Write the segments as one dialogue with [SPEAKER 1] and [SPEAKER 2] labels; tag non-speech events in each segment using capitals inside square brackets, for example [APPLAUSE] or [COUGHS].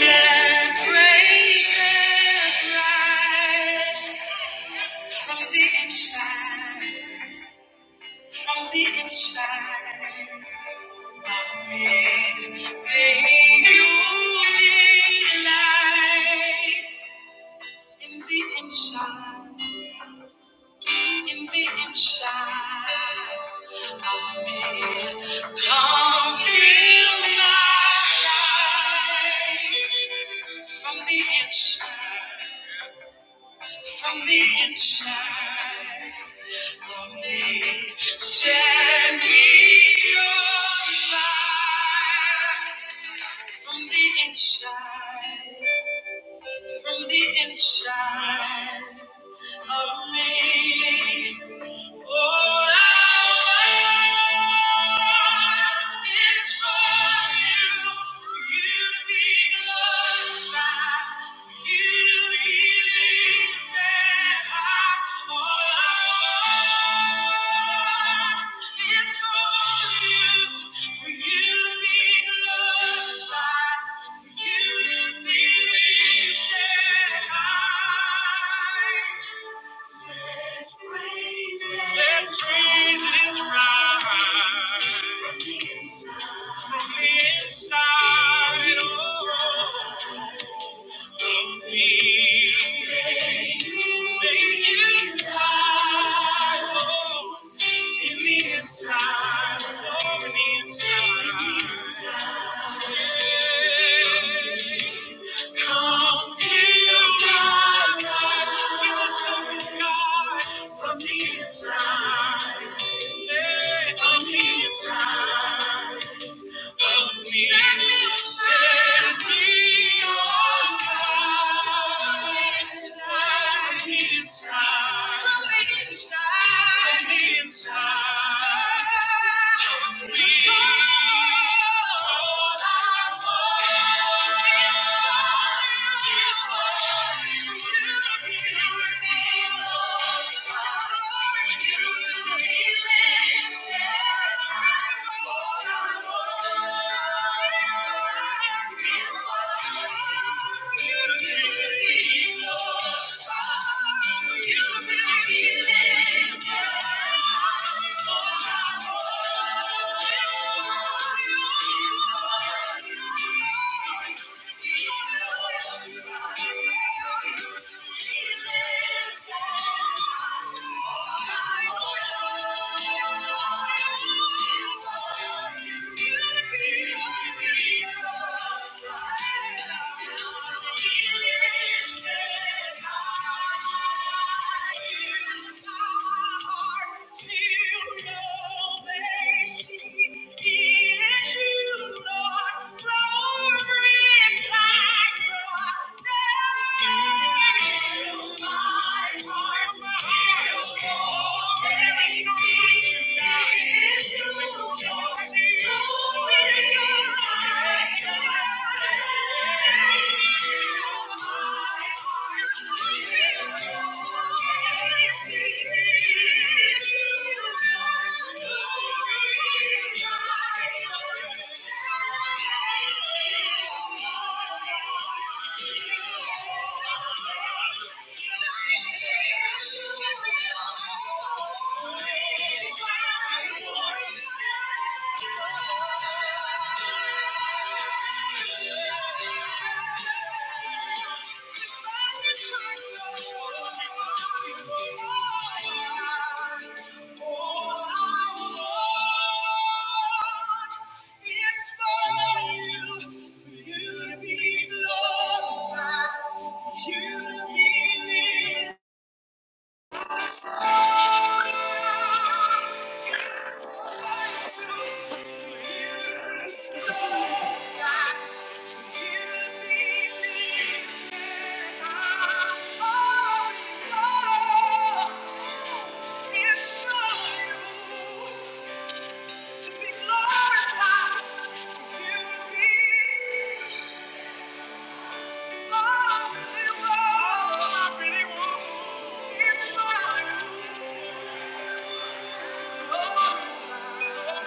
[SPEAKER 1] Let praises rise from the inside, from the inside of me. May you delight in the inside, in the inside of me. Come fill my life from the inside, from the inside. Set me on fire from the inside, from the inside of me. For you to be lifted high. Let praises rise from the inside. Oh, from the inside, yeah, from the inside of me, Send me your light. I need inside. I need inside, Thank you. is for you. You to be lifted. Thank you. Thank you. Thank you. It's for you, for you to be glorified, for you to be lifted. Oh, Thank you.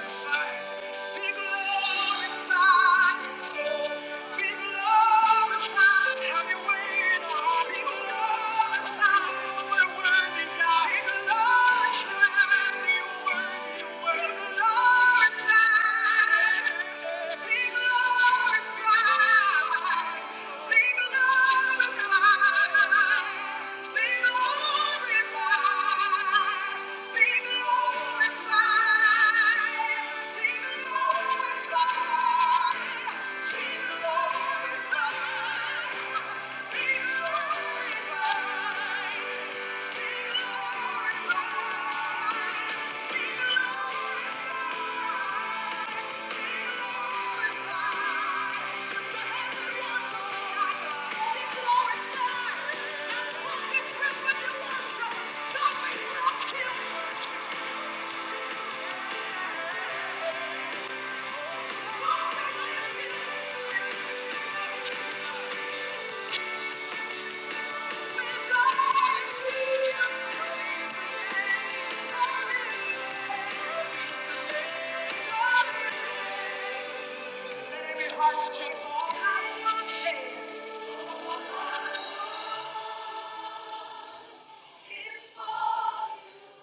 [SPEAKER 1] Thank you. Hearts take all I want to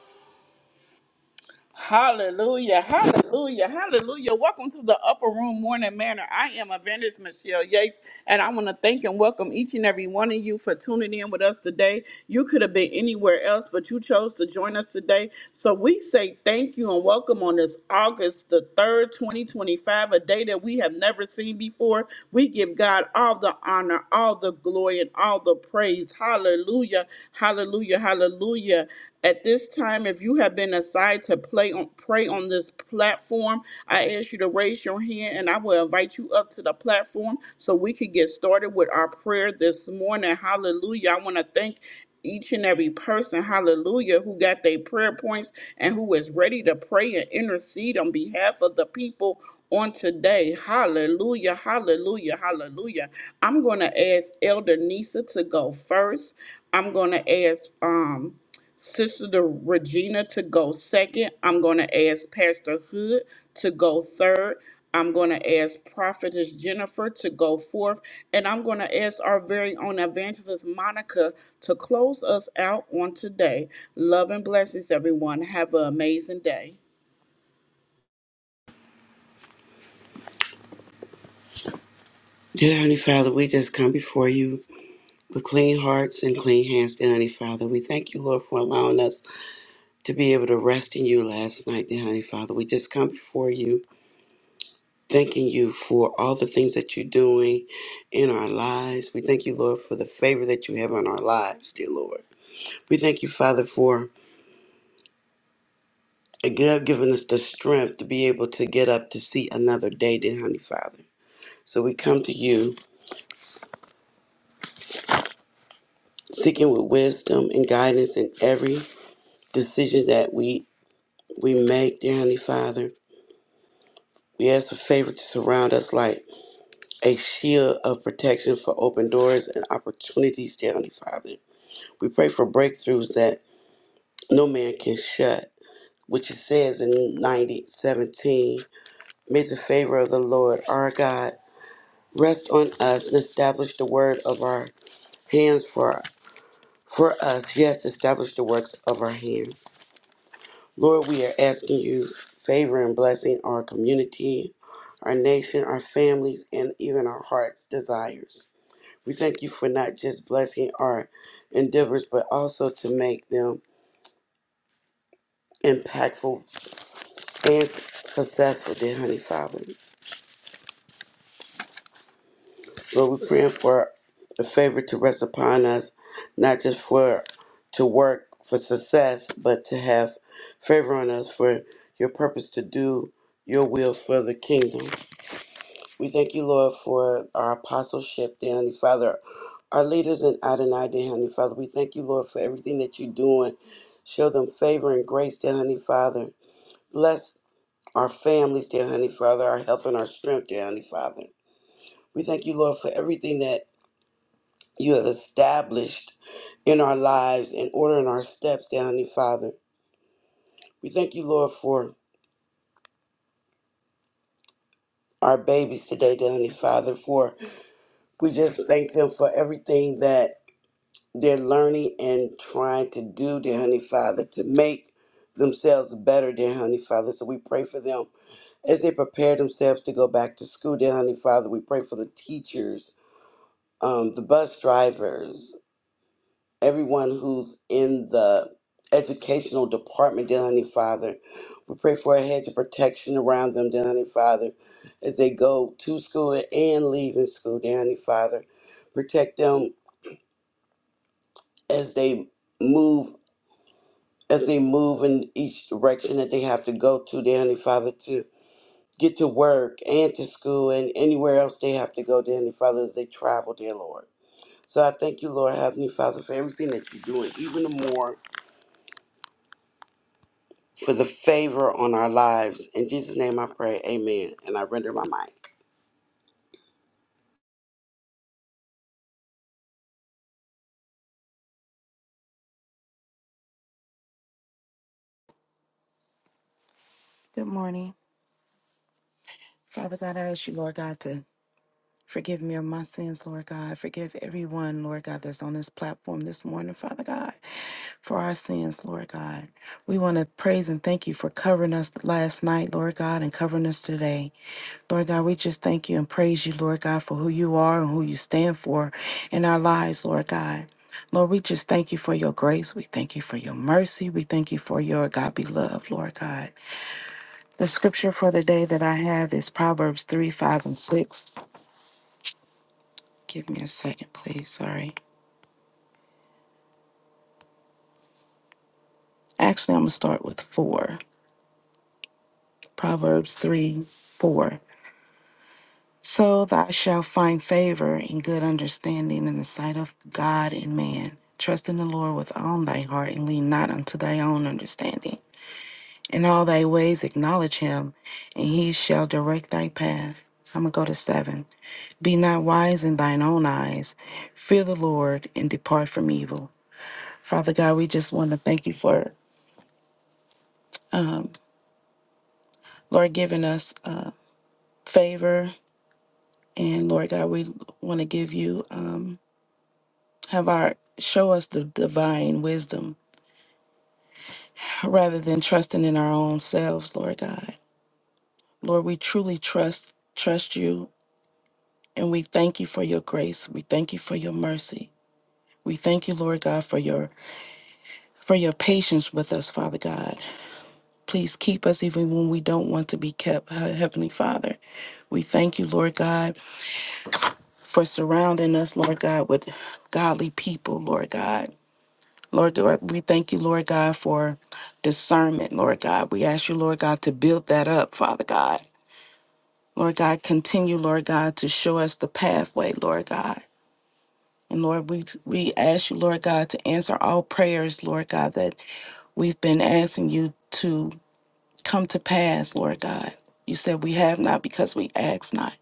[SPEAKER 1] Hallelujah, hallelujah, hallelujah. Welcome to the Upper Room Morning Manor. I am Evangelist Michelle Yates, and I want to thank and welcome each and every one of you for tuning in with us today. You could have been anywhere else, but you chose to join us today. So we say thank you and welcome on this August the 3rd, 2025, a day that we have never seen before. We give God all the honor, all the glory, and all the praise. Hallelujah, hallelujah, hallelujah. At this time, if you have been assigned to play on, pray on this platform, I ask you to raise your hand and I will invite you up to the platform so we can get started with our prayer this morning. Hallelujah. I want to thank each and every person, hallelujah, who got their prayer points and who is ready to pray and intercede on behalf of the people on today. Hallelujah, hallelujah, hallelujah. I'm going to ask Elder Nisa to go first. I'm going to ask, um, Sister Regina to go second. I'm going to ask Pastor Hood to go third. I'm going to ask Prophetess Jennifer to go forth. And I'm going to ask our very own evangelist Monica to close us out on today. Love and blessings, everyone. Have an amazing day.
[SPEAKER 2] Dear Heavenly Father, we just come before you with clean hearts and clean hands, dear Heavenly Father. We thank you, Lord, for allowing us to be able to rest in you last night, dear Heavenly Father. We just come before you, thanking you for all the things that you're doing in our lives. We thank you, Lord, for the favor that you have on our lives, dear Lord. We thank you, Father, for again giving us the strength to be able to get up to see another day, dear Heavenly Father. So we come to you seeking with wisdom and guidance in every decision that we we make, dear Heavenly Father. We ask for favor to surround us like a shield of protection for open doors and opportunities, dear Heavenly Father. We pray for breakthroughs that no man can shut, which it says in 90 17. May the favor of the Lord our God rest on us and establish the word of our hands for, for us. Yes, establish the works of our hands. Lord, we are asking you favor and blessing our community, our nation, our families, and even our hearts' desires. We thank you for not just blessing our endeavors, but also to make them impactful and successful, dear Honey Father. Lord, we're praying for a favor to rest upon us, not just for to work for success, but to have favor on us for your purpose to do your will for the kingdom. We thank you, Lord, for our apostleship, dear Heavenly Father, our leaders in Adonai, dear Heavenly Father. We thank you, Lord, for everything that you're doing. Show them favor and grace, dear Heavenly Father. Bless our families, dear Heavenly Father, our health and our strength, dear Heavenly Father. We thank you, Lord, for everything that you have established in our lives and ordering our steps, dear Heavenly Father. We thank you, Lord, for our babies today, dear Heavenly Father, for we just thank them for everything that they're learning and trying to do, dear Honey Father, to make themselves better, dear Honey Father. So we pray for them as they prepare themselves to go back to school, dear Honey Father. We pray for the teachers, um, the bus drivers, everyone who's in the educational department, dear Honey Father. We pray for a hedge of protection around them, dear Honey Father, as they go to school and leaving school, dear Honey Father. Protect them as they move as they move in each direction that they have to go to, dear Heavenly Father, to get to work and to school and anywhere else they have to go, dear Heavenly Father, as they travel, dear Lord. So I thank you, Lord Heavenly Father, for everything that you're doing, even the more for the favor on our lives. In Jesus' name I pray, amen. And I render my mic.
[SPEAKER 3] Good morning. Father God, I ask you, Lord God, to forgive me of my sins, Lord God. Forgive everyone, Lord God, that's on this platform this morning, Father God, for our sins, Lord God. We want to praise and thank you for covering us last night, Lord God, and covering us today. Lord God, we just thank you and praise you, Lord God, for who you are and who you stand for in our lives, Lord God. Lord, we just thank you for your grace. We thank you for your mercy. We thank you for your agape love, Lord God. The scripture for the day that I have is Proverbs 3, 5, and 6. Give me a second, please. Sorry. Actually, I'm going to start with 4. Proverbs 3, 4. So thou shalt find favor and good understanding in the sight of God and man. Trust in the Lord with all thy heart and lean not unto thy own understanding. In all thy ways acknowledge him, and he shall direct thy path. I'm going to go to seven. Be not wise in thine own eyes. Fear the Lord and depart from evil. Father God, we just want to thank you for, Lord, giving us uh, favor. And Lord God, we want to give you, um, have our, show us the divine wisdom rather than trusting in our own selves, Lord God. Lord, we truly trust, trust you. And we thank you for your grace. We thank you for your mercy. We thank you, Lord God, for your for your patience with us, Father God. Please keep us even when we don't want to be kept, He- Heavenly Father. We thank you, Lord God, for surrounding us, Lord God, with godly people, Lord God. Lord, God, we thank you, Lord God, for discernment, Lord God. We ask you, Lord God, to build that up, Father God. Lord God, continue, Lord God, to show us the pathway, Lord God. And Lord, we, we ask you, Lord God, to answer all prayers, Lord God, that we've been asking you to come to pass, Lord God. You said we have not because we ask not.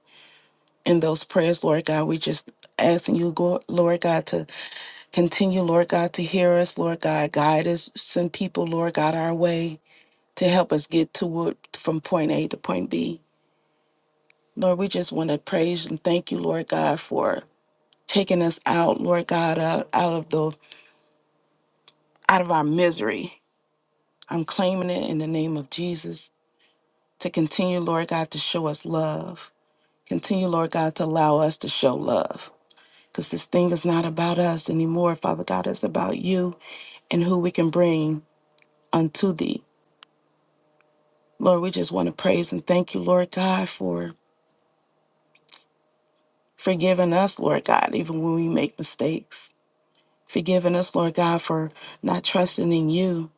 [SPEAKER 3] In those prayers, Lord God, we just asking you, go- Lord God, to continue, Lord God, to hear us, Lord God, guide us, send people, Lord God, our way to help us get to from point A to point B. Lord, we just want to praise and thank you, Lord God, for taking us out, Lord God, out, out of the out of our misery. I'm claiming it in the name of Jesus to continue, Lord God, to show us love. Continue, Lord God, to allow us to show love. Because this thing is not about us anymore, Father God. It's about you and who we can bring unto thee. Lord, we just want to praise and thank you, Lord God, for forgiving us, Lord God, even when we make mistakes. Forgiving us, Lord God, for not trusting in you,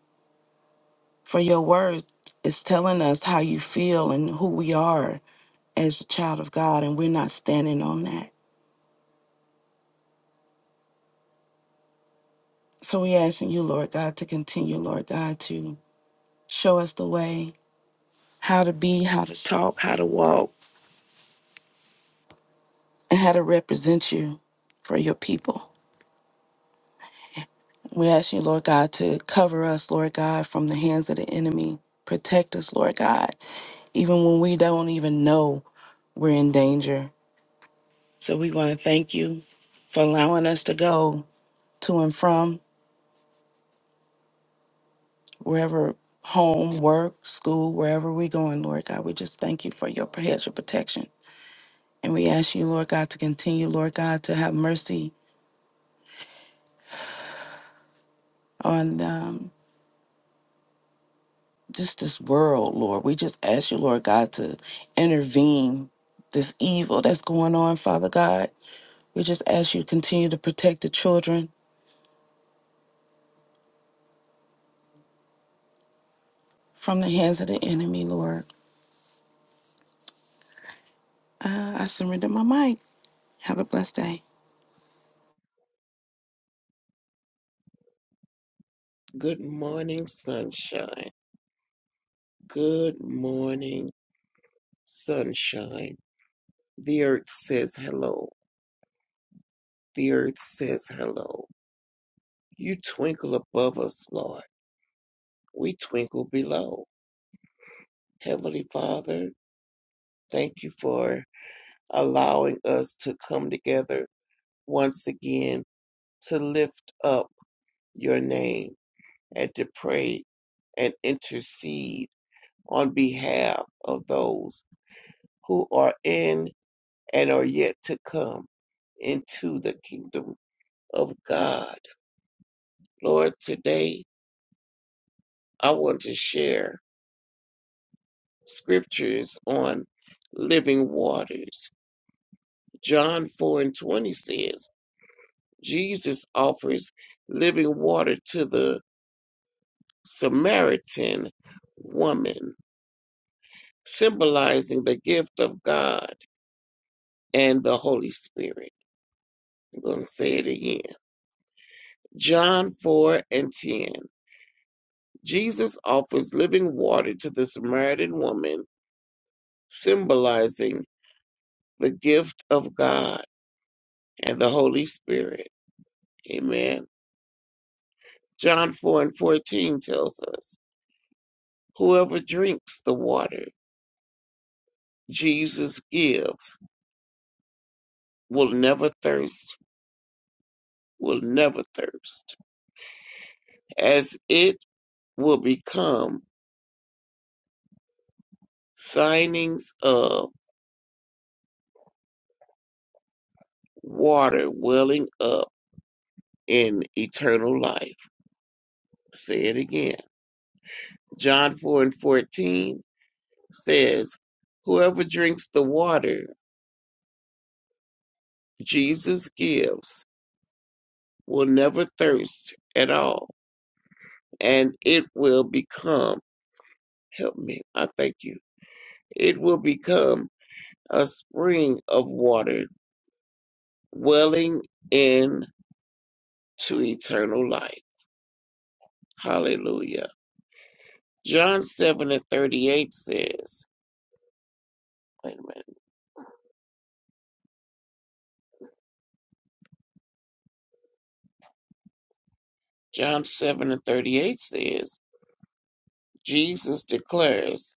[SPEAKER 3] for your word is telling us how you feel and who we are as a child of God, and we're not standing on that. So we asking you, Lord God, to continue, Lord God, to show us the way, how to be, how to talk, how to walk, and how to represent you for your people. We ask you, Lord God, to cover us, Lord God, from the hands of the enemy. Protect us, Lord God, even when we don't even know we're in danger. So we want to thank you for allowing us to go to and from wherever home, work, school, wherever we're going, Lord God. We just thank you for your hedge of protection And we ask you, Lord God, to continue, Lord God, to have mercy on um, just this world, Lord. We just ask you, Lord God, to intervene this evil that's going on, Father God. We just ask you to continue to protect the children from the hands of the enemy, Lord. Uh, I surrender my mic. Have a blessed day.
[SPEAKER 4] Good morning, sunshine. Good morning, sunshine. The earth says hello. The earth says hello. You twinkle above us, Lord. We twinkle below. Heavenly Father, thank you for allowing us to come together once again to lift up your name and to pray and intercede on behalf of those who are in and are yet to come into the kingdom of God. Lord, today I want to share scriptures on living waters. John 4 and 20 says, Jesus offers living water to the Samaritan woman, symbolizing the gift of God and the Holy Spirit. I'm going to say it again. John 4 and 10. Jesus offers living water to the Samaritan woman, symbolizing the gift of God and the Holy Spirit. Amen. John 4 and 14 tells us whoever drinks the water Jesus gives will never thirst, will never thirst, as it will become signings of water welling up in eternal life. Say it again. John 4 and 14 says, Whoever drinks the water Jesus gives will never thirst at all, and it will become, help me, I thank you, it will become a spring of water welling in to eternal life. Hallelujah. John 7 and 38 says, wait a minute, John 7 and 38 says, Jesus declares,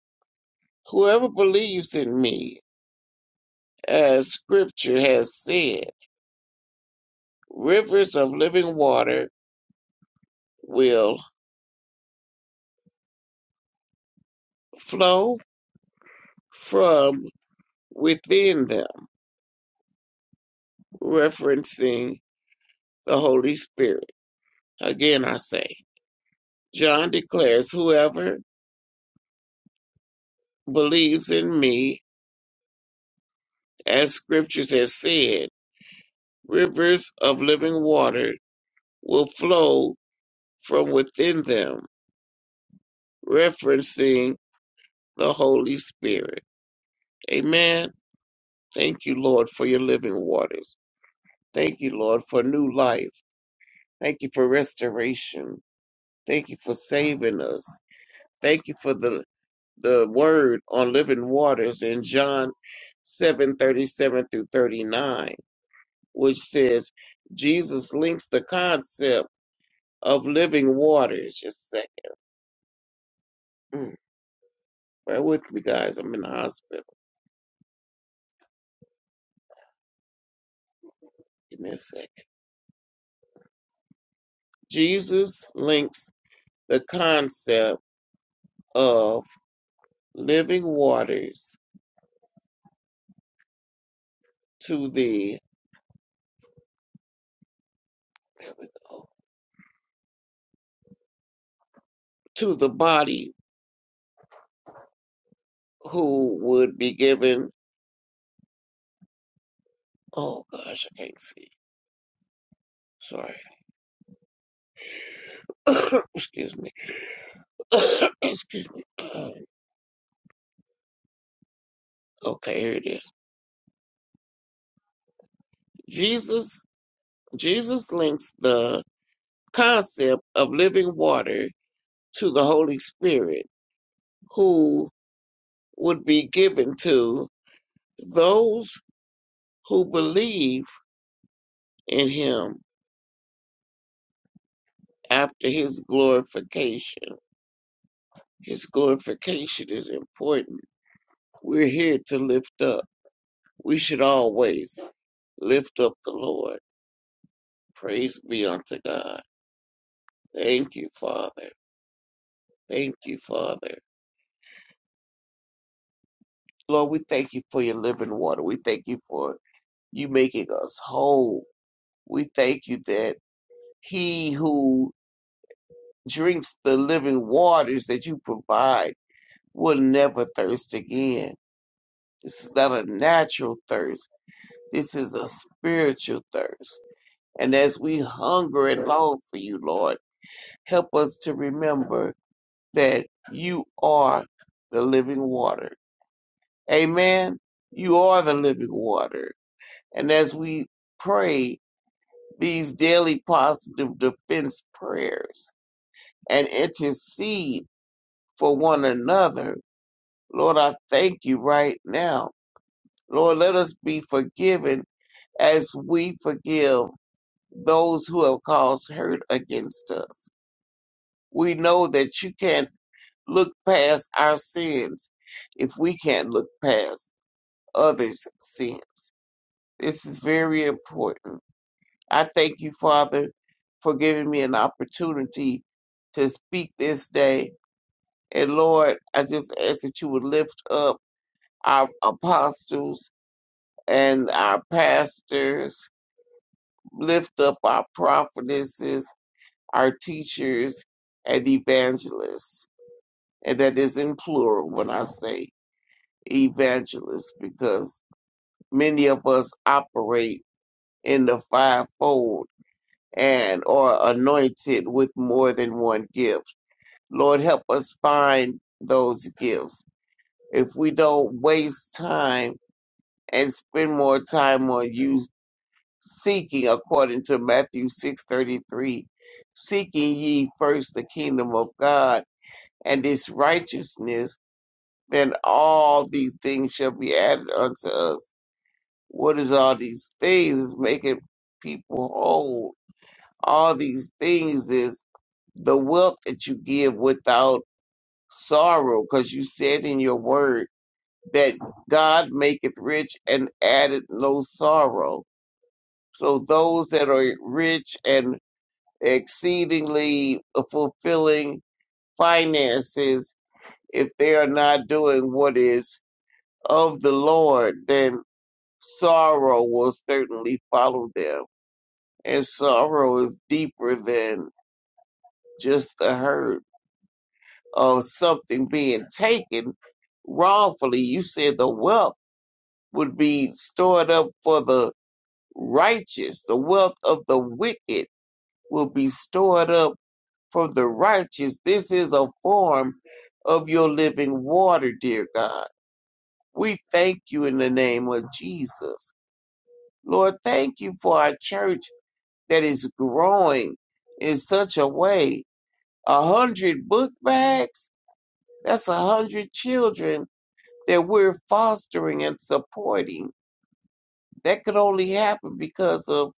[SPEAKER 4] Whoever believes in me, as scripture has said, rivers of living water will flow from within them, referencing the Holy Spirit. Again, I say, John declares, whoever believes in me, as scriptures has said, rivers of living water will flow from within them, referencing the Holy Spirit. Amen. Thank you, Lord, for your living waters. Thank you, Lord, for new life. Thank you for restoration. Thank you for saving us. Thank you for the, the word on living waters in John seven thirty seven through 39, which says Jesus links the concept of living waters. Just a second. Mm, Bear with me, guys. I'm in the hospital. Give me a second. Jesus links the concept of living waters to the, there we go, to the body who would be given, oh gosh, I can't see. Sorry. [COUGHS] Excuse me. [COUGHS] Excuse me. Um, Okay, here it is. Jesus Jesus links the concept of living water to the Holy Spirit who would be given to those who believe in him after his glorification. His glorification is important. We're here to lift up. We should always Lift up the Lord. Praise be unto God. Thank you, Father. Thank you, Father. Lord, we thank you for your living water. We thank you for you making us whole. We thank you that he who drinks the living waters that you provide will never thirst again. This is not a natural thirst. This is a spiritual thirst. And as we hunger and long for you, Lord, help us to remember that you are the living water. Amen. You are the living water. And as we pray these daily positive defense prayers and intercede for one another, Lord, I thank you right now. Lord, let us be forgiven as we forgive those who have caused hurt against us. We know that you can't look past our sins if we can't look past others' sins. This is very important. I thank you, Father, for giving me an opportunity to speak this day. And Lord, I just ask that you would lift up our apostles and our pastors, lift up our prophetesses, our teachers, and evangelists. And that is in plural when I say evangelists, because many of us operate in the fivefold and or anointed with more than one gift. Lord, help us find those gifts. If we don't waste time and spend more time on you seeking according to Matthew 6:33, seeking ye first the kingdom of God and its righteousness, then all these things shall be added unto us. What is all these things is making people whole. All these things is the wealth that you give without sorrow, because you said in your word that God maketh rich and addeth no sorrow. So those that are rich and exceedingly fulfilling finances, if they are not doing what is of the Lord, then sorrow will certainly follow them. And sorrow is deeper than just the hurt or something being taken wrongfully. You said the wealth would be stored up for the righteous. The wealth of the wicked will be stored up for the righteous. This is a form of your living water, dear God. We thank you in the name of Jesus. Lord, thank you for our church that is growing in such a way. A hundred book bags, that's a hundred children that we're fostering and supporting. That could only happen because of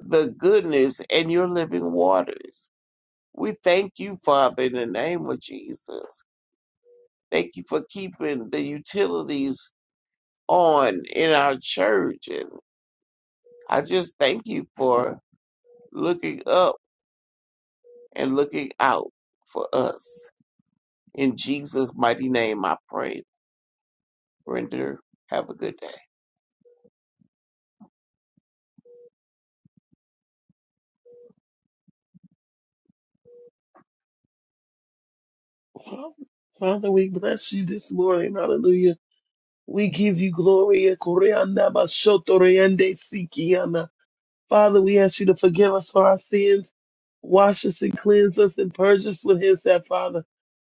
[SPEAKER 4] the goodness and your living waters. We thank you, Father, in the name of Jesus. Thank you for keeping the utilities on in our church. And I just thank you for looking up and looking out for us. In Jesus' mighty name, I pray. Render, have a good day.
[SPEAKER 5] Father, we bless you this morning. Hallelujah. We give you glory. Koreanda basoto reende sikiana. Father, we ask you to forgive us for our sins, wash us and cleanse us and purge us with his that, Father.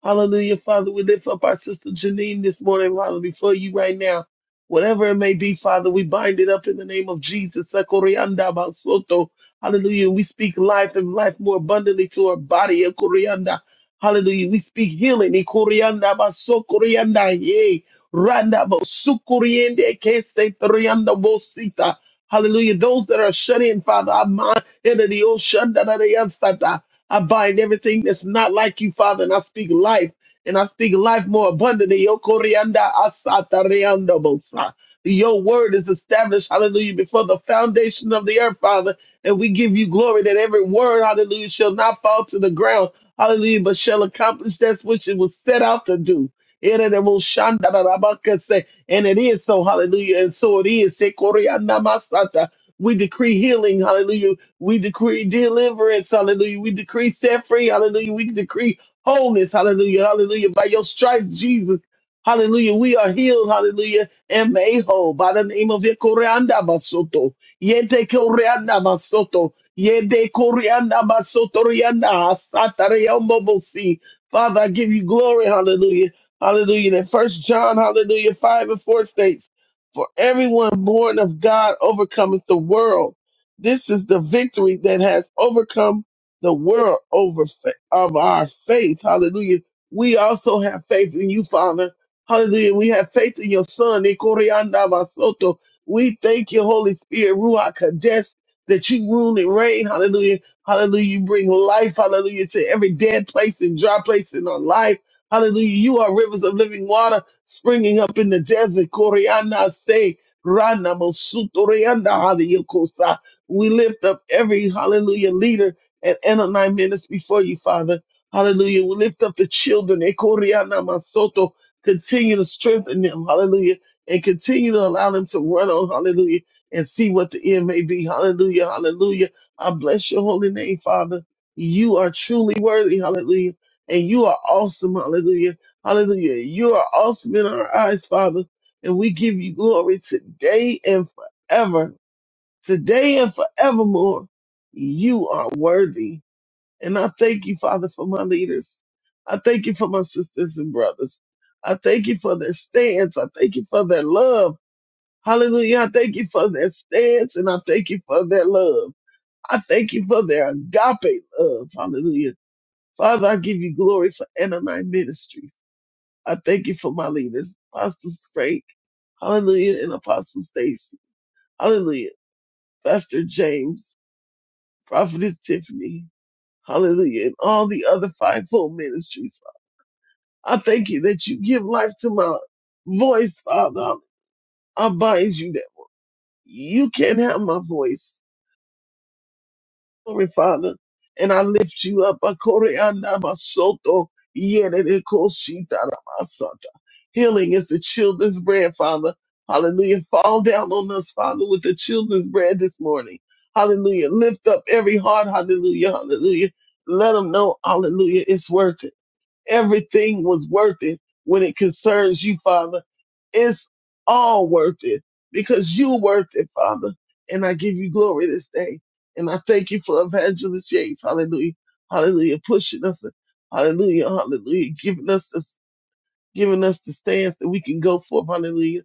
[SPEAKER 5] Hallelujah, Father. We lift up our sister Janine this morning, Father, before you right now. Whatever it may be, Father, we bind it up in the name of Jesus. Ekorianda basoto. Hallelujah. We speak life and life more abundantly to our body. Ekorianda. Hallelujah. We speak healing. Ekorianda basokorianda. Yay. Randa bosukuriende kese torianda bosita. Hallelujah. Those that are shut in, Father, I bind into the ocean, da- da- da- yes, da- da. I bind everything that's not like you, Father, and I speak life. And I speak life more abundantly. Yo corianda asata reando bosa. Your word is established, hallelujah, before the foundation of the earth, Father. And we give you glory that every word, hallelujah, shall not fall to the ground, hallelujah, but shall accomplish that which it was set out to do. Ere de bo shanda da da ba kese. And it is so, hallelujah. And so it is. Sekoria namasata. We decree healing, hallelujah. We decree deliverance, hallelujah. We decree set free, hallelujah. We decree wholeness, hallelujah, hallelujah. By your stripes, Jesus, hallelujah. We are healed, hallelujah, and made whole by the name of Yekoreanda Basoto. Yete Koreanda Basoto. Yede Koreanda Basoto Rianda Asata Reombobosi. Father, I give you glory, hallelujah. Hallelujah. That first John, hallelujah, five and four states, for everyone born of God overcometh the world. This is the victory that has overcome the world over fa- of our faith. Hallelujah. We also have faith in you, Father. Hallelujah. We have faith in your son. Ikorianda Basoto. We thank you, Holy Spirit, Ruach Kadesh, that you rule and reign. Hallelujah. Hallelujah. You bring life, hallelujah, to every dead place and dry place in our life. Hallelujah. You are rivers of living water springing up in the desert. Koreana say, Rana Mosutorianda Haleokosa. We lift up every hallelujah leader and Anani minutes before you, Father. Hallelujah. We lift up the children. Ekoriana Masoto. Continue to strengthen them. Hallelujah. And continue to allow them to run on. Hallelujah. And see what the end may be. Hallelujah. Hallelujah. I bless your holy name, Father. You are truly worthy. Hallelujah and you are awesome. Hallelujah. Hallelujah. You are awesome in our eyes, Father. And we give you glory today and forever. Today and forevermore. You are worthy. And I thank you, Father, for my leaders. I thank you for my sisters and brothers. I thank you for their stance. I thank you for their love. Hallelujah. I thank you for their stance and I thank you for their love. I thank you for their agape love. Hallelujah. Father, I give you glory for Ananite Ministries. I thank you for my leaders, Apostle Frank, hallelujah, and Apostle Stacy, hallelujah, Pastor James, Prophetess Tiffany, hallelujah, and all the other fivefold ministries. I thank you that you give life to my voice, Father. I bind you that you can't have my voice. glory, Father. And I lift you up. Akoreanda basoto, yerere koshita ramasata. Healing is the children's bread, Father. Hallelujah. Fall down on us, Father, with the children's bread this morning. Hallelujah. Lift up every heart. Hallelujah. Hallelujah. Let them know, hallelujah, it's worth it. Everything was worth it when it concerns you, Father. It's all worth it because you're worth it, Father. And I give you glory this day. And I thank you for Evangelist Yates. Hallelujah. Hallelujah. Pushing us. Hallelujah. Hallelujah. Giving us this giving us the stance that we can go for. Hallelujah.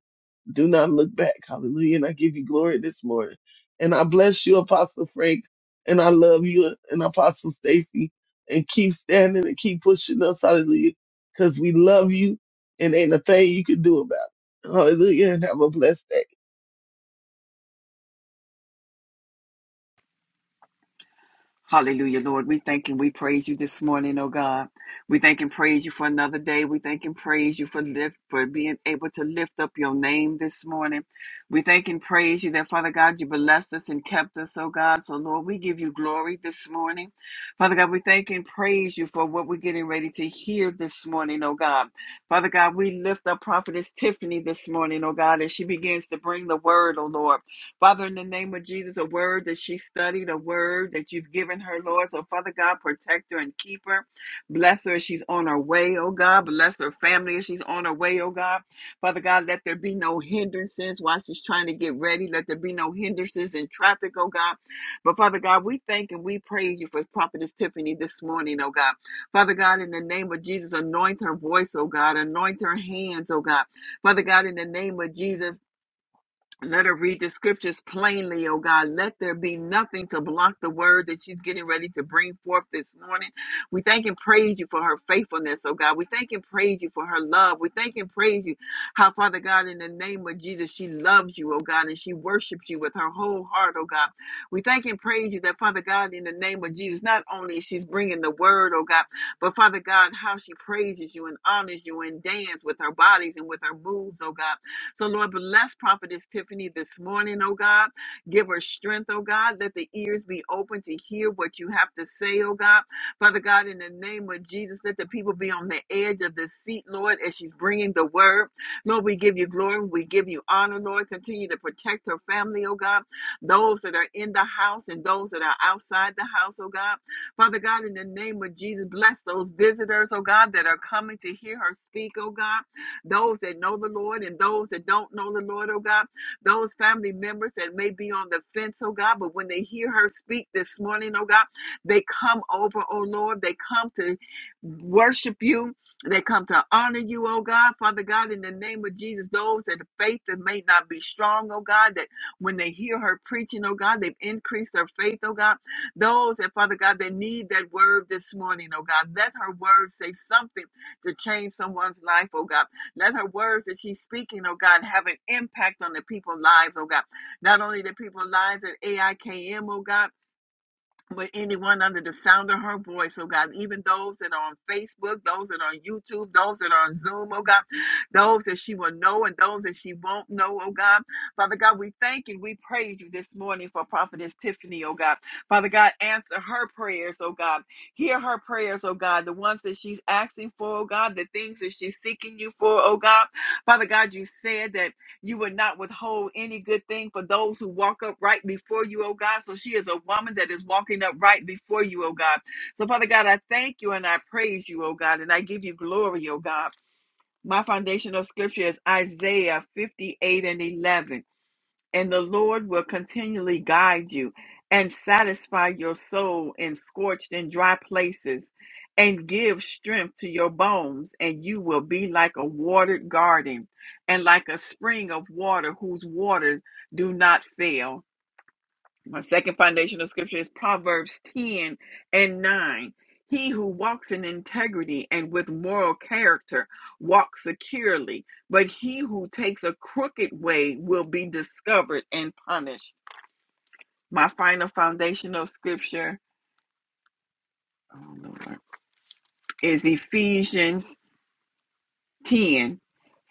[SPEAKER 5] Do not look back. Hallelujah. And I give you glory this morning. And I bless you, Apostle Frank. And I love you and Apostle Stacy. And keep standing and keep pushing us. Hallelujah. Because we love you and ain't a thing you can do about it. Hallelujah. And have a blessed day.
[SPEAKER 6] Hallelujah, Lord. We thank and we praise you this morning, oh God. We thank and praise you for another day. We thank and praise you for lift for being able to lift up your name this morning. We thank and praise you that Father God, you blessed us and kept us, oh God. So Lord, we give you glory this morning. Father God, we thank and praise you for what we're getting ready to hear this morning, oh God. Father God, we lift up prophetess Tiffany this morning, oh God, as she begins to bring the word, oh Lord. Father, in the name of Jesus, a word that she studied, a word that you've given her, Lord. So, Father God, protect her and keep her. Bless her as she's on her way, oh God. Bless her family as she's on her way, oh God. Father God, let there be no hindrances while she's trying to get ready. Let there be no hindrances in traffic, oh God. But Father God, we thank and we praise you for Prophetess Tiffany this morning, oh God. Father God, in the name of Jesus, anoint her voice, oh God. Anoint her hands, oh God. Father God, in the name of Jesus. Let her read the scriptures plainly, oh God. Let there be nothing to block the word that she's getting ready to bring forth this morning. We thank and praise you for her faithfulness, oh God. We thank and praise you for her love. We thank and praise you how, Father God, in the name of Jesus, she loves you, oh God, and she worships you with her whole heart, oh God. We thank and praise you that, Father God, in the name of Jesus, not only is she's bringing the word, oh God, but Father God, how she praises you and honors you and dances with her bodies and with her moves, oh God. So, Lord, bless Prophetess Tiffany this morning, oh God. Give her strength, oh God. Let the ears be open to hear what you have to say, oh God. Father God, in the name of Jesus, let the people be on the edge of the seat, Lord, as she's bringing the word. Lord, we give you glory. We give you honor, Lord. Continue to protect her family, oh God. Those that are in the house and those that are outside the house, oh God. Father God, in the name of Jesus, bless those visitors, oh God, that are coming to hear her speak, oh God those that know the Lord and those that don't know the Lord, oh God, those family members that may be on the fence, oh God, but when they hear her speak this morning, oh God, they come over, oh Lord, they come to worship you. They come to honor you, oh God, Father God, in the name of Jesus. Those that have faith that may not be strong, oh God, that when they hear her preaching, oh God, they've increased their faith, oh God. Those that, Father God, that need that word this morning, oh God, let her words say something to change someone's life, oh God. Let her words that she's speaking, oh God, have an impact on the people's lives, oh God. Not only the people's lives at AIKM, oh God with anyone under the sound of her voice, oh God, even those that are on Facebook, those that are on YouTube, those that are on Zoom, oh God, those that she will know and those that she won't know, oh God. Father God, we thank you. We praise you this morning for Prophetess Tiffany, oh God. Father God, answer her prayers, oh God. Hear her prayers, oh God, the ones that she's asking for, oh God, the things that she's seeking you for, oh God. Father God, you said that. You would not withhold any good thing for those who walk up right before you, oh God. So she is a woman that is walking up right before you, oh God. So, Father God, I thank you and I praise you, oh God, and I give you glory, oh God. My foundational scripture is Isaiah 58 and 11 and the Lord will continually guide you and satisfy your soul in scorched and dry places and give strength to your bones and you will be like a watered garden and like a spring of water whose waters do not fail my second foundational scripture is Proverbs 10 and 9. He who walks in integrity and with moral character walks securely, but he who takes a crooked way will be discovered and punished. My final foundational scripture oh, Lord, is Ephesians 10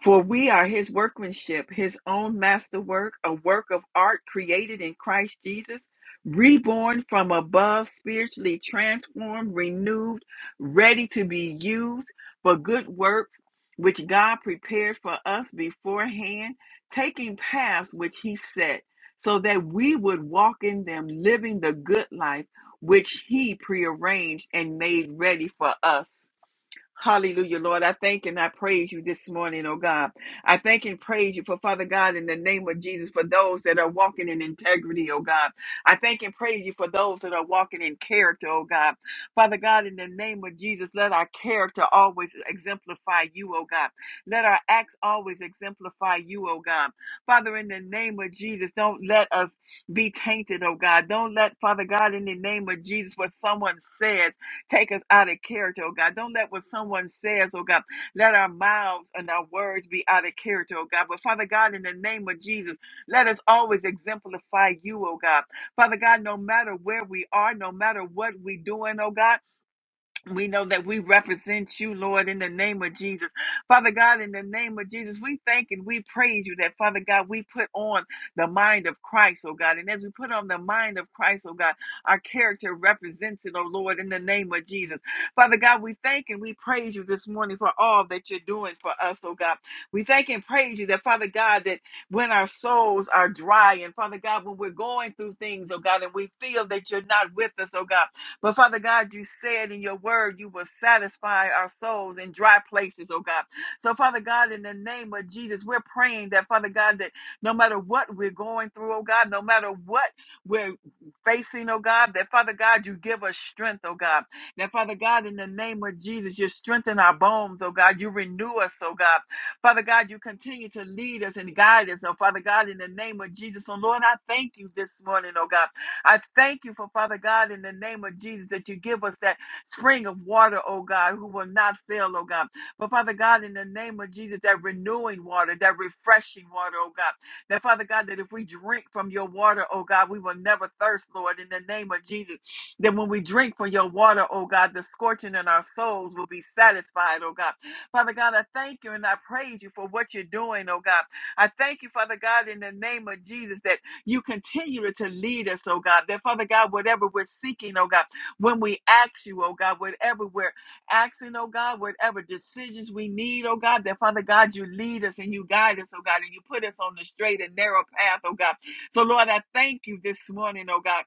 [SPEAKER 6] For we are his workmanship, his own masterwork, a work of art created in Christ Jesus, reborn from above, spiritually transformed, renewed, ready to be used for good works, which God prepared for us beforehand, taking paths which he set, so that we would walk in them, living the good life which he prearranged and made ready for us. Hallelujah, Lord. I thank and I praise you this morning, oh God. I thank and praise you for Father God in the name of Jesus for those that are walking in integrity, oh God. I thank and praise you for those that are walking in character, oh God. Father God, in the name of Jesus, let our character always exemplify you, oh God. Let our acts always exemplify you, oh God. Father, in the name of Jesus, don't let us be tainted, oh God. Don't let, Father God, in the name of Jesus, what someone said. Take us out of character, oh God. Don't let what someone says, oh God, let our mouths and our words be out of character, oh God. But Father God, in the name of Jesus, let us always exemplify you, oh God. Father God, no matter where we are, no matter what we're doing, oh God. We know that we represent you, Lord, in the name of Jesus. Father God, in the name of Jesus, we thank and we praise you that, Father God, we put on the mind of Christ, oh God. And as we put on the mind of Christ, oh God, our character represents it, oh Lord, in the name of Jesus. Father God, we thank and we praise you this morning for all that you're doing for us, oh God. We thank and praise you that, Father God, that when our souls are dry and, Father God, when we're going through things, oh God, and we feel that you're not with us, oh God. But Father God, you said in your word you will satisfy our souls in dry places, oh God. So, Father God, in the name of Jesus, we're praying that, Father God, that no matter what we're going through, oh God, no matter what we're facing, oh God, that, Father God, you give us strength, oh God. That, Father God, in the name of Jesus, you strengthen our bones, oh God. You renew us, oh God. Father God, you continue to lead us and guide us, oh Father God, in the name of Jesus. Oh Lord, I thank you this morning, oh God. I thank you for Father God in the name of Jesus that you give us that spring of water, oh God, who will not fail, oh God. But Father God, in the name of Jesus, that renewing water, that refreshing water, oh God. That Father God, that if we drink from your water, oh God, we will never thirst, Lord, in the name of Jesus. That when we drink from your water, oh God, the scorching in our souls will be satisfied, oh God. Father God, I thank you and I praise you for what you're doing, oh God. I thank you, Father God, in the name of Jesus, that you continue to lead us, oh God. That Father God, whatever we're seeking, oh God, when we ask you, oh God, whatever we're asking, oh God, whatever decisions we need, oh God, that Father God, you lead us and you guide us, oh God, and you put us on the straight and narrow path, oh God. So Lord, I thank you this morning, oh God.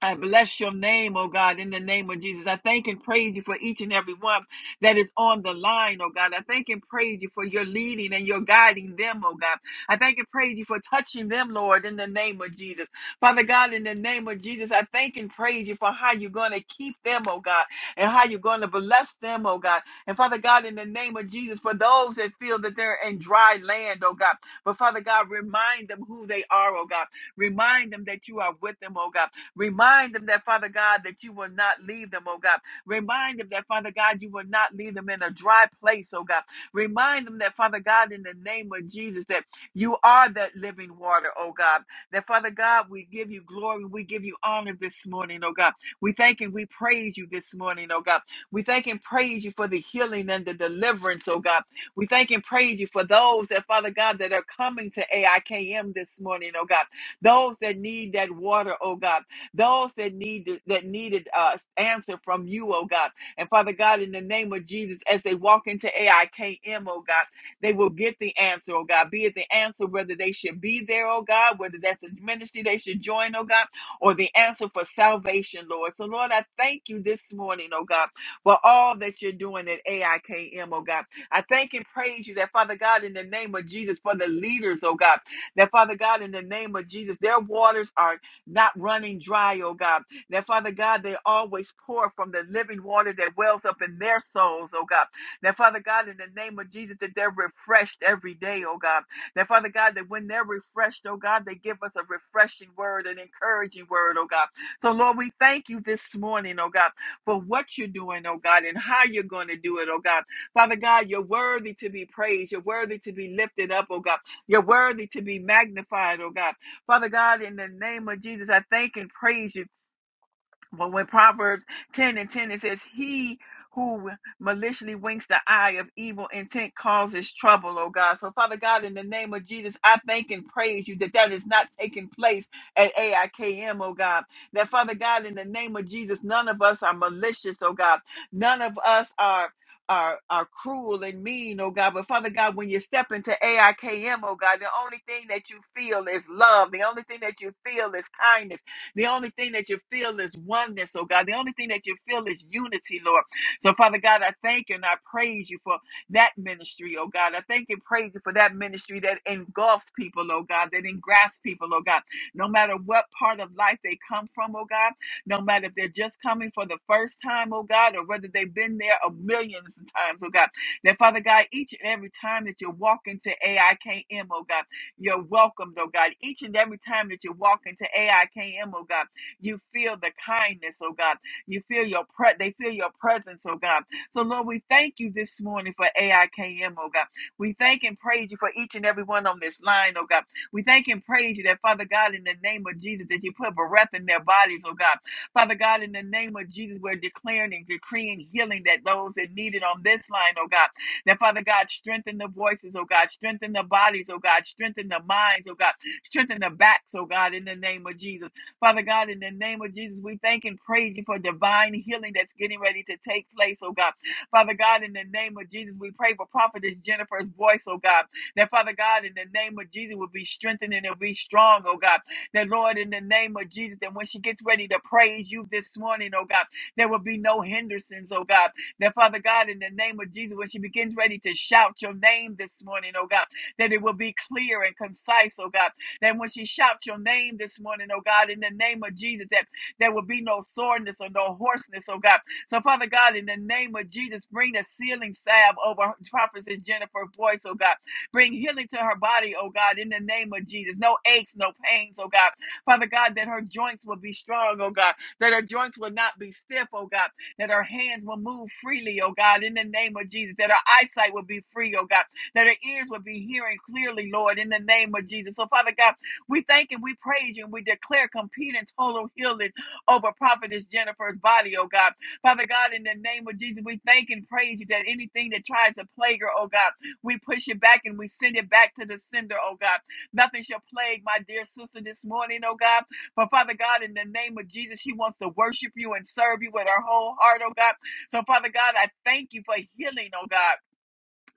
[SPEAKER 6] I bless your name, oh God, in the name of Jesus. I thank and praise you for each and every one that is on the line, oh God. I thank and praise you for your leading and your guiding them, oh God. I thank and praise you for touching them, Lord, in the name of Jesus. Father God, in the name of Jesus, I thank and praise you for how you're going to keep them, oh God, and how you're going to bless them, oh God. And Father God, in the name of Jesus, for those that feel that they're in dry land, oh God. But Father God, remind them who they are, oh God. Remind them that you are with them, oh God. Remind them that, Father God, that you will not leave them, oh God. Remind them that, Father God, you will not leave them in a dry place, oh God. Remind them that, Father God, in the name of Jesus, that you are that living water, oh God. That, Father God, we give you glory. We give you honor this morning, oh God. We thank and we praise you this morning, oh God. We thank and praise you for the healing and the deliverance, oh God. We thank and praise you for those that, Father God, that are coming to AIKM this morning, oh God. Those that need that water, oh God those that needed that needed uh answer from you, oh God. And Father God, in the name of Jesus, as they walk into AIKM, oh God, they will get the answer, oh God. Be it the answer whether they should be there, oh God, whether that's a ministry they should join, oh God, or the answer for salvation, Lord. So Lord, I thank you this morning, oh God, for all that you're doing at AIKM, oh God. I thank and praise you that Father God, in the name of Jesus, for the leaders, oh God, that Father God, in the name of Jesus, their waters are not running dry, oh God. That Father God, they always pour from the living water that wells up in their souls, oh God. That Father God, in the name of Jesus, that they're refreshed every day, oh God. That Father God, that when they're refreshed, oh God, they give us a refreshing word, an encouraging word, oh God. So Lord, we thank you this morning, oh God, for what you're doing, oh God, and how you're going to do it, oh God. Father God, you're worthy to be praised. You're worthy to be lifted up, oh God. You're worthy to be magnified, oh God. Father God, in the name of Jesus, I thank and praise you. But when Proverbs 10 and 10 it says, He who maliciously winks the eye of evil intent causes trouble, oh God. So, Father God, in the name of Jesus, I thank and praise you that that is not taking place at AIKM, oh God. That, Father God, in the name of Jesus, none of us are malicious, oh God. None of us are. Are, are cruel and mean, oh God. But Father God, when you step into AIKM, oh God, the only thing that you feel is love. The only thing that you feel is kindness. The only thing that you feel is oneness, oh God. The only thing that you feel is unity, Lord. So, Father God, I thank you and I praise you for that ministry, oh God. I thank and praise you for that ministry that engulfs people, oh God, that engrafts people, oh God. No matter what part of life they come from, oh God, no matter if they're just coming for the first time, oh God, or whether they've been there a millions of times, oh God. That Father God, each and every time that you walk into AIKM, oh God. You're welcomed, oh God. Each and every time that you walk into AIKM, oh God, you feel the kindness, oh God. You feel your pre- they feel your presence, oh God. So Lord, we thank you this morning for AIKM, oh God. We thank and praise you for each and every one on this line, oh God. We thank and praise you that Father God, in the name of Jesus, that you put breath in their bodies, oh God. Father God, in the name of Jesus, we're declaring and decreeing healing that those that need it on this line, oh God. That Father God, strengthen the voices, oh God, strengthen the bodies, oh God, strengthen the minds, oh God, strengthen the backs, oh God, in the name of Jesus. Father God, in the name of Jesus, we thank and praise you for divine healing that's getting ready to take place, oh God. Father God, in the name of Jesus, we pray for Prophetess Jennifer's voice, oh God. That Father God, in the name of Jesus, will be strengthened and it'll be strong, oh God. That Lord, in the name of Jesus, that when she gets ready to praise you this morning, oh God, there will be no hindrances, oh God. That Father God, in the name of Jesus, when she begins ready to shout your name this morning, oh God, that it will be clear and concise, oh God. That when she shouts your name this morning, oh God, in the name of Jesus, that there will be no soreness or no hoarseness, oh God. So, Father God, in the name of Jesus, bring the sealing salve over Prophetess Jennifer's voice, oh God. Bring healing to her body, oh God, in the name of Jesus. No aches, no pains, oh God. Father God, that her joints will be strong, oh God. That her joints will not be stiff, oh God that our hands will move freely, oh God, in the name of Jesus, that our eyesight will be free, oh God, that our ears will be hearing clearly, Lord, in the name of Jesus. So, Father God, we thank and we praise you and we declare complete and total healing over Prophetess Jennifer's body, oh God. Father God, in the name of Jesus, we thank and praise you that anything that tries to plague her, oh God, we push it back and we send it back to the sender, oh God. Nothing shall plague my dear sister this morning, oh God. But Father God, in the name of Jesus, she wants to worship you and serve you with her whole heart, oh God. So Father God, I thank you for healing, oh God.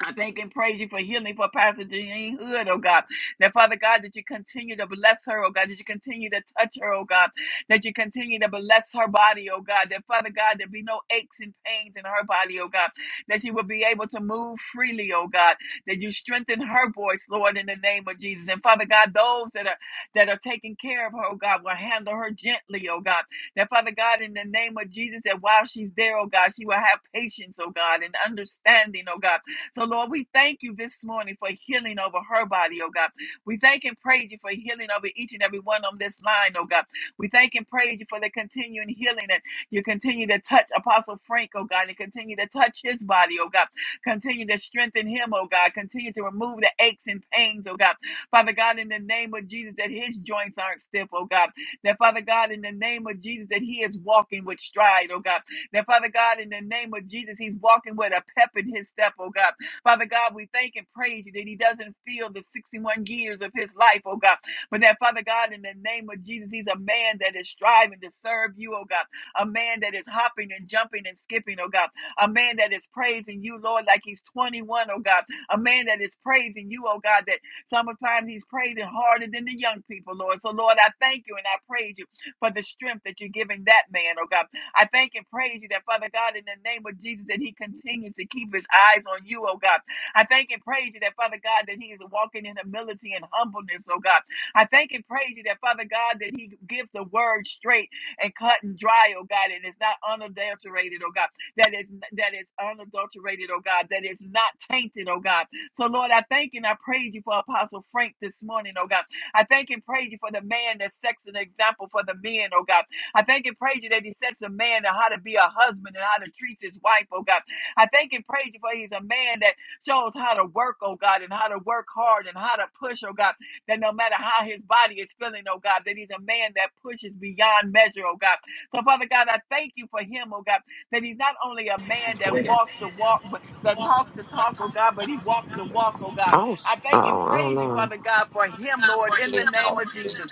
[SPEAKER 6] I thank and praise you for healing for Pastor Jeanine Hood, oh God. That Father God, that you continue to bless her, oh God, that you continue to touch her, oh God, that you continue to bless her body, oh God. That Father God, there be no aches and pains in her body, oh God. That she will be able to move freely, oh God. That you strengthen her voice, Lord, in the name of Jesus. And Father God, those that are that are taking care of her, oh God, will handle her gently, oh God. That Father God, in the name of Jesus, that while she's there, oh God, she will have patience, oh God, and understanding, oh God so, Lord, we thank you this morning for healing over her body, oh God. We thank and praise you for healing over each and every one on this line, oh God. We thank and praise you for the continuing healing and you continue to touch Apostle Frank, oh God, and continue to touch his body, oh God. Continue to strengthen him, oh God. Continue to remove the aches and pains, oh God. Father God, in the name of Jesus, that his joints aren't stiff, oh God. That Father God, in the name of Jesus, that he is walking with stride, oh God. That Father God, in the name of Jesus, he's walking with a pep in his step, oh God. Father God, we thank and praise you that he doesn't feel the 61 years of his life, oh God. But that, Father God, in the name of Jesus, he's a man that is striving to serve you, oh God. A man that is hopping and jumping and skipping, oh God. A man that is praising you, Lord, like he's 21, O God. A man that is praising you, oh God, that sometimes he's praising harder than the young people, Lord. So, Lord, I thank you and I praise you for the strength that you're giving that man, oh God. I thank and praise you that, Father God, in the name of Jesus, that he continues to keep his eyes on you, oh God. I thank and praise you that, Father God, that he is walking in humility and humbleness, oh God. I thank and praise you that, Father God, that he gives the word straight and cut and dry, oh God, and it's not unadulterated, oh God. That is that is unadulterated, oh God, that is not tainted, oh God. So Lord, I thank and I praise you for Apostle Frank this morning, oh God. I thank and praise you for the man that sets an example for the men, oh God. I thank and praise you that he sets a man on how to be a husband and how to treat his wife, oh God. I thank and praise you for he's a man that shows how to work, oh God, and how to work hard and how to push, oh God, that no matter how his body is feeling, oh God, that he's a man that pushes beyond measure, oh God. So, Father God, I thank you for him, oh God, that he's not only a man that walks the walk, but that talks the talk, oh God, but he walks the walk, oh God.
[SPEAKER 7] I
[SPEAKER 6] I
[SPEAKER 7] don't, I
[SPEAKER 6] thank and
[SPEAKER 7] don't, I
[SPEAKER 6] praise you, Father
[SPEAKER 7] don't
[SPEAKER 6] God, for him, Lord, in the
[SPEAKER 7] know.
[SPEAKER 6] name of Jesus.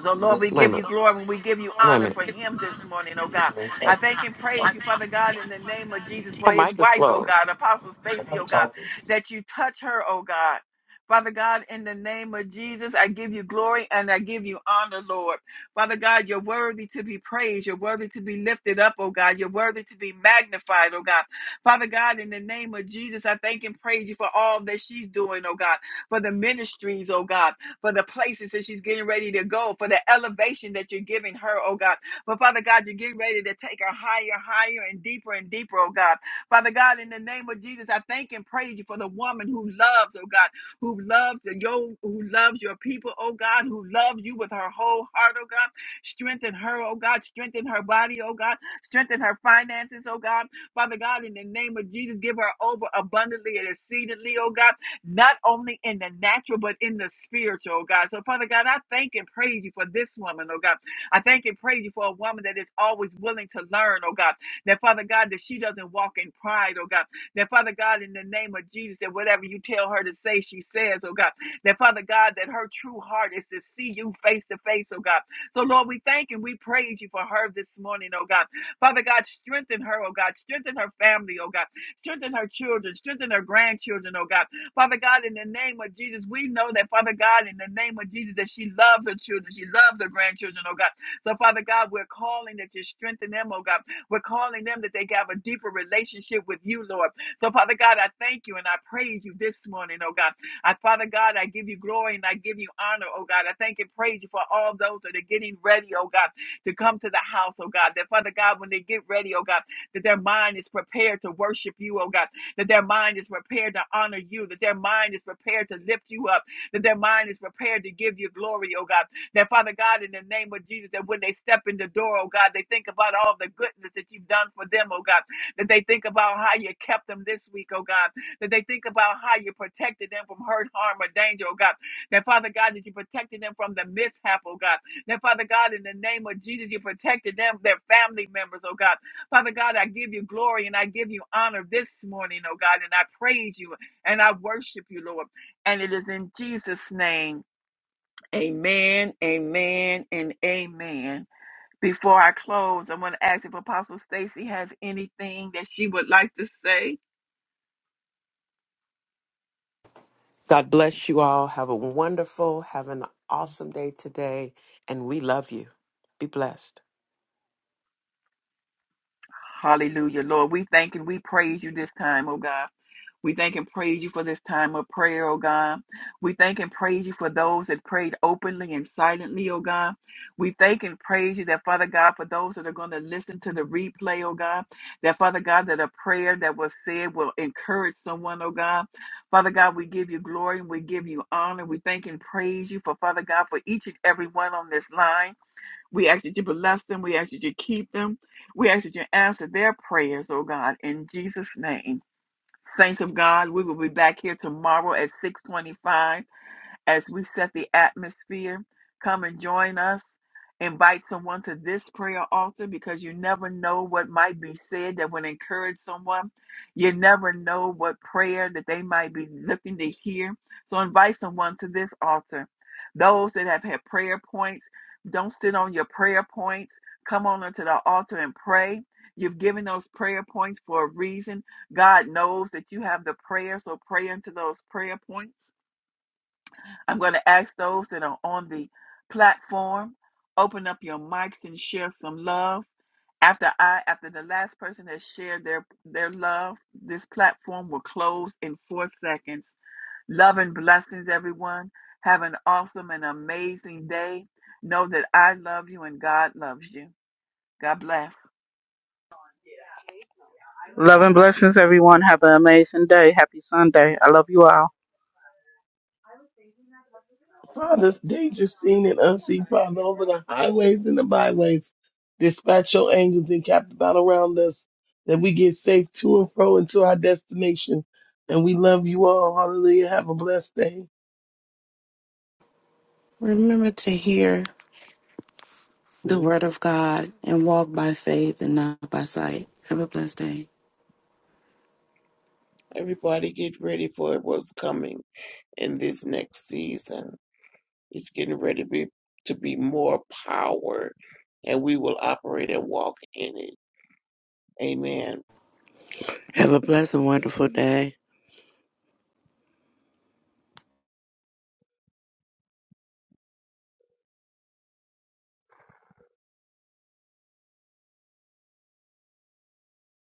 [SPEAKER 6] So, Lord, we
[SPEAKER 7] Wait a
[SPEAKER 6] give you
[SPEAKER 7] minute.
[SPEAKER 6] glory and we give you
[SPEAKER 7] Wait a
[SPEAKER 6] honor for
[SPEAKER 7] minute.
[SPEAKER 6] him this morning, oh God. I thank and praise you, Father God, in the name of Jesus
[SPEAKER 7] Her
[SPEAKER 6] for his
[SPEAKER 7] mic is
[SPEAKER 6] wife, oh
[SPEAKER 7] closed.
[SPEAKER 6] God, Apostle Stacy, oh God, that you touch her, oh God. Father God, in the name of Jesus, I give you glory and I give you honor, Lord. Father God, you're worthy to be praised. You're worthy to be lifted up, oh God. You're worthy to be magnified, oh God. Father God, in the name of Jesus, I thank and praise you for all that she's doing, oh God, for the ministries, oh God for the places that she's getting ready to go, for the elevation that you're giving her, oh God. But Father God, you're getting ready to take her higher, higher, and deeper and deeper, oh God. Father God, in the name of Jesus, I thank and praise you for the woman who loves, oh God, who loves the yo, who loves your people, oh God, who loves you with her whole heart, oh God. Strengthen her, oh God, strengthen her body, oh God, strengthen her finances, oh God. Father God, in the name of Jesus, give her over abundantly and exceedingly, oh God not only in the natural, but in the spiritual, oh God. So, Father God, I thank and praise you for this woman, oh God. I thank and praise you for a woman that is always willing to learn, oh God. That, Father God, that she doesn't walk in pride, oh God. That, Father God, in the name of Jesus, that whatever you tell her to say, she says, oh God. That, Father God, that her true heart is to see you face to face, oh God. So, Lord, we thank and we praise you for her this morning, oh God. Father God, strengthen her, oh God. Strengthen her family, oh God. Strengthen her children. Strengthen her grandchildren, oh God. Father God, in the name of Jesus, we know that, Father God, in the name of Jesus, that she loves her children. She loves her grandchildren, oh God. So, Father God, we're calling that you strengthen them, oh God. We're calling them that they have a deeper relationship with you, Lord. So, Father God, I thank you and I praise you this morning, oh God. I, Father God, I give you glory and I give you honor, oh God. I thank and praise you for all those that are getting ready, oh God, to come to the house, oh God. That, Father God, when they get ready, oh God, that their mind is prepared to worship you, oh God that their mind is prepared to honor you, that their mind is prepared to lift you up, that their mind is prepared to give you glory, oh God. That Father God, in the name of Jesus, that when they step in the door, oh God, they think about all the goodness that you've done for them, oh God. That they think about how you kept them this week, oh God. That they think about how you protected them from hurt, harm, or danger, oh God. That Father God, that you protected them from the mishap, oh God. That Father God, in the name of Jesus, you protected them, their family members, oh God. Father God, I give you glory and I give you honor this morning, oh God, and I praise you and I worship you, Lord. And it is in Jesus' name. Amen, amen, and amen. Before I close, I'm going to ask if Apostle Stacy has anything that she would like to say.
[SPEAKER 7] God bless you all. Have a wonderful, have an awesome day today. And we love you. Be blessed.
[SPEAKER 6] Hallelujah. Lord, we thank and we praise you this time, oh God. We thank and praise you for this time of prayer, oh God. We thank and praise you for those that prayed openly and silently, oh God. We thank and praise you that, Father God, for those that are going to listen to the replay, oh God, that, Father God, that a prayer that was said will encourage someone, oh God. Father God, we give you glory and we give you honor. We thank and praise you for, Father God, for each and every one on this line. We ask that you bless them. We ask that you keep them. We ask that you answer their prayers, oh God, in Jesus' name. Saints of God, we will be back here tomorrow at 625 as we set the atmosphere. Come and join us. Invite someone to this prayer altar because you never know what might be said that would encourage someone. You never know what prayer that they might be looking to hear. So invite someone to this altar. Those that have had prayer points, don't sit on your prayer points. Come on into the altar and pray. You've given those prayer points for a reason. God knows that you have the prayer, so pray into those prayer points. I'm going to ask those that are on the platform, open up your mics and share some love. After I, after the last person that shared their their love, this platform will close in four seconds. Love and blessings, everyone. Have an awesome and amazing day. Know that I love you and God loves you. God bless.
[SPEAKER 1] Love and blessings, everyone. Have an amazing day. Happy Sunday. I love you all.
[SPEAKER 5] Father, dangerous seen and unseen, Father, over the highways and the byways. Dispatch your angels and cap the battle around us that we get safe to and fro into our destination. And we love you all. Hallelujah. Have a blessed day.
[SPEAKER 3] Remember to hear the word of God and walk by faith and not by sight. Have a blessed day.
[SPEAKER 4] Everybody get ready for what's coming in this next season. It's getting ready to be, to be more power, and we will operate and walk in it. Amen.
[SPEAKER 2] Have a blessed and wonderful day.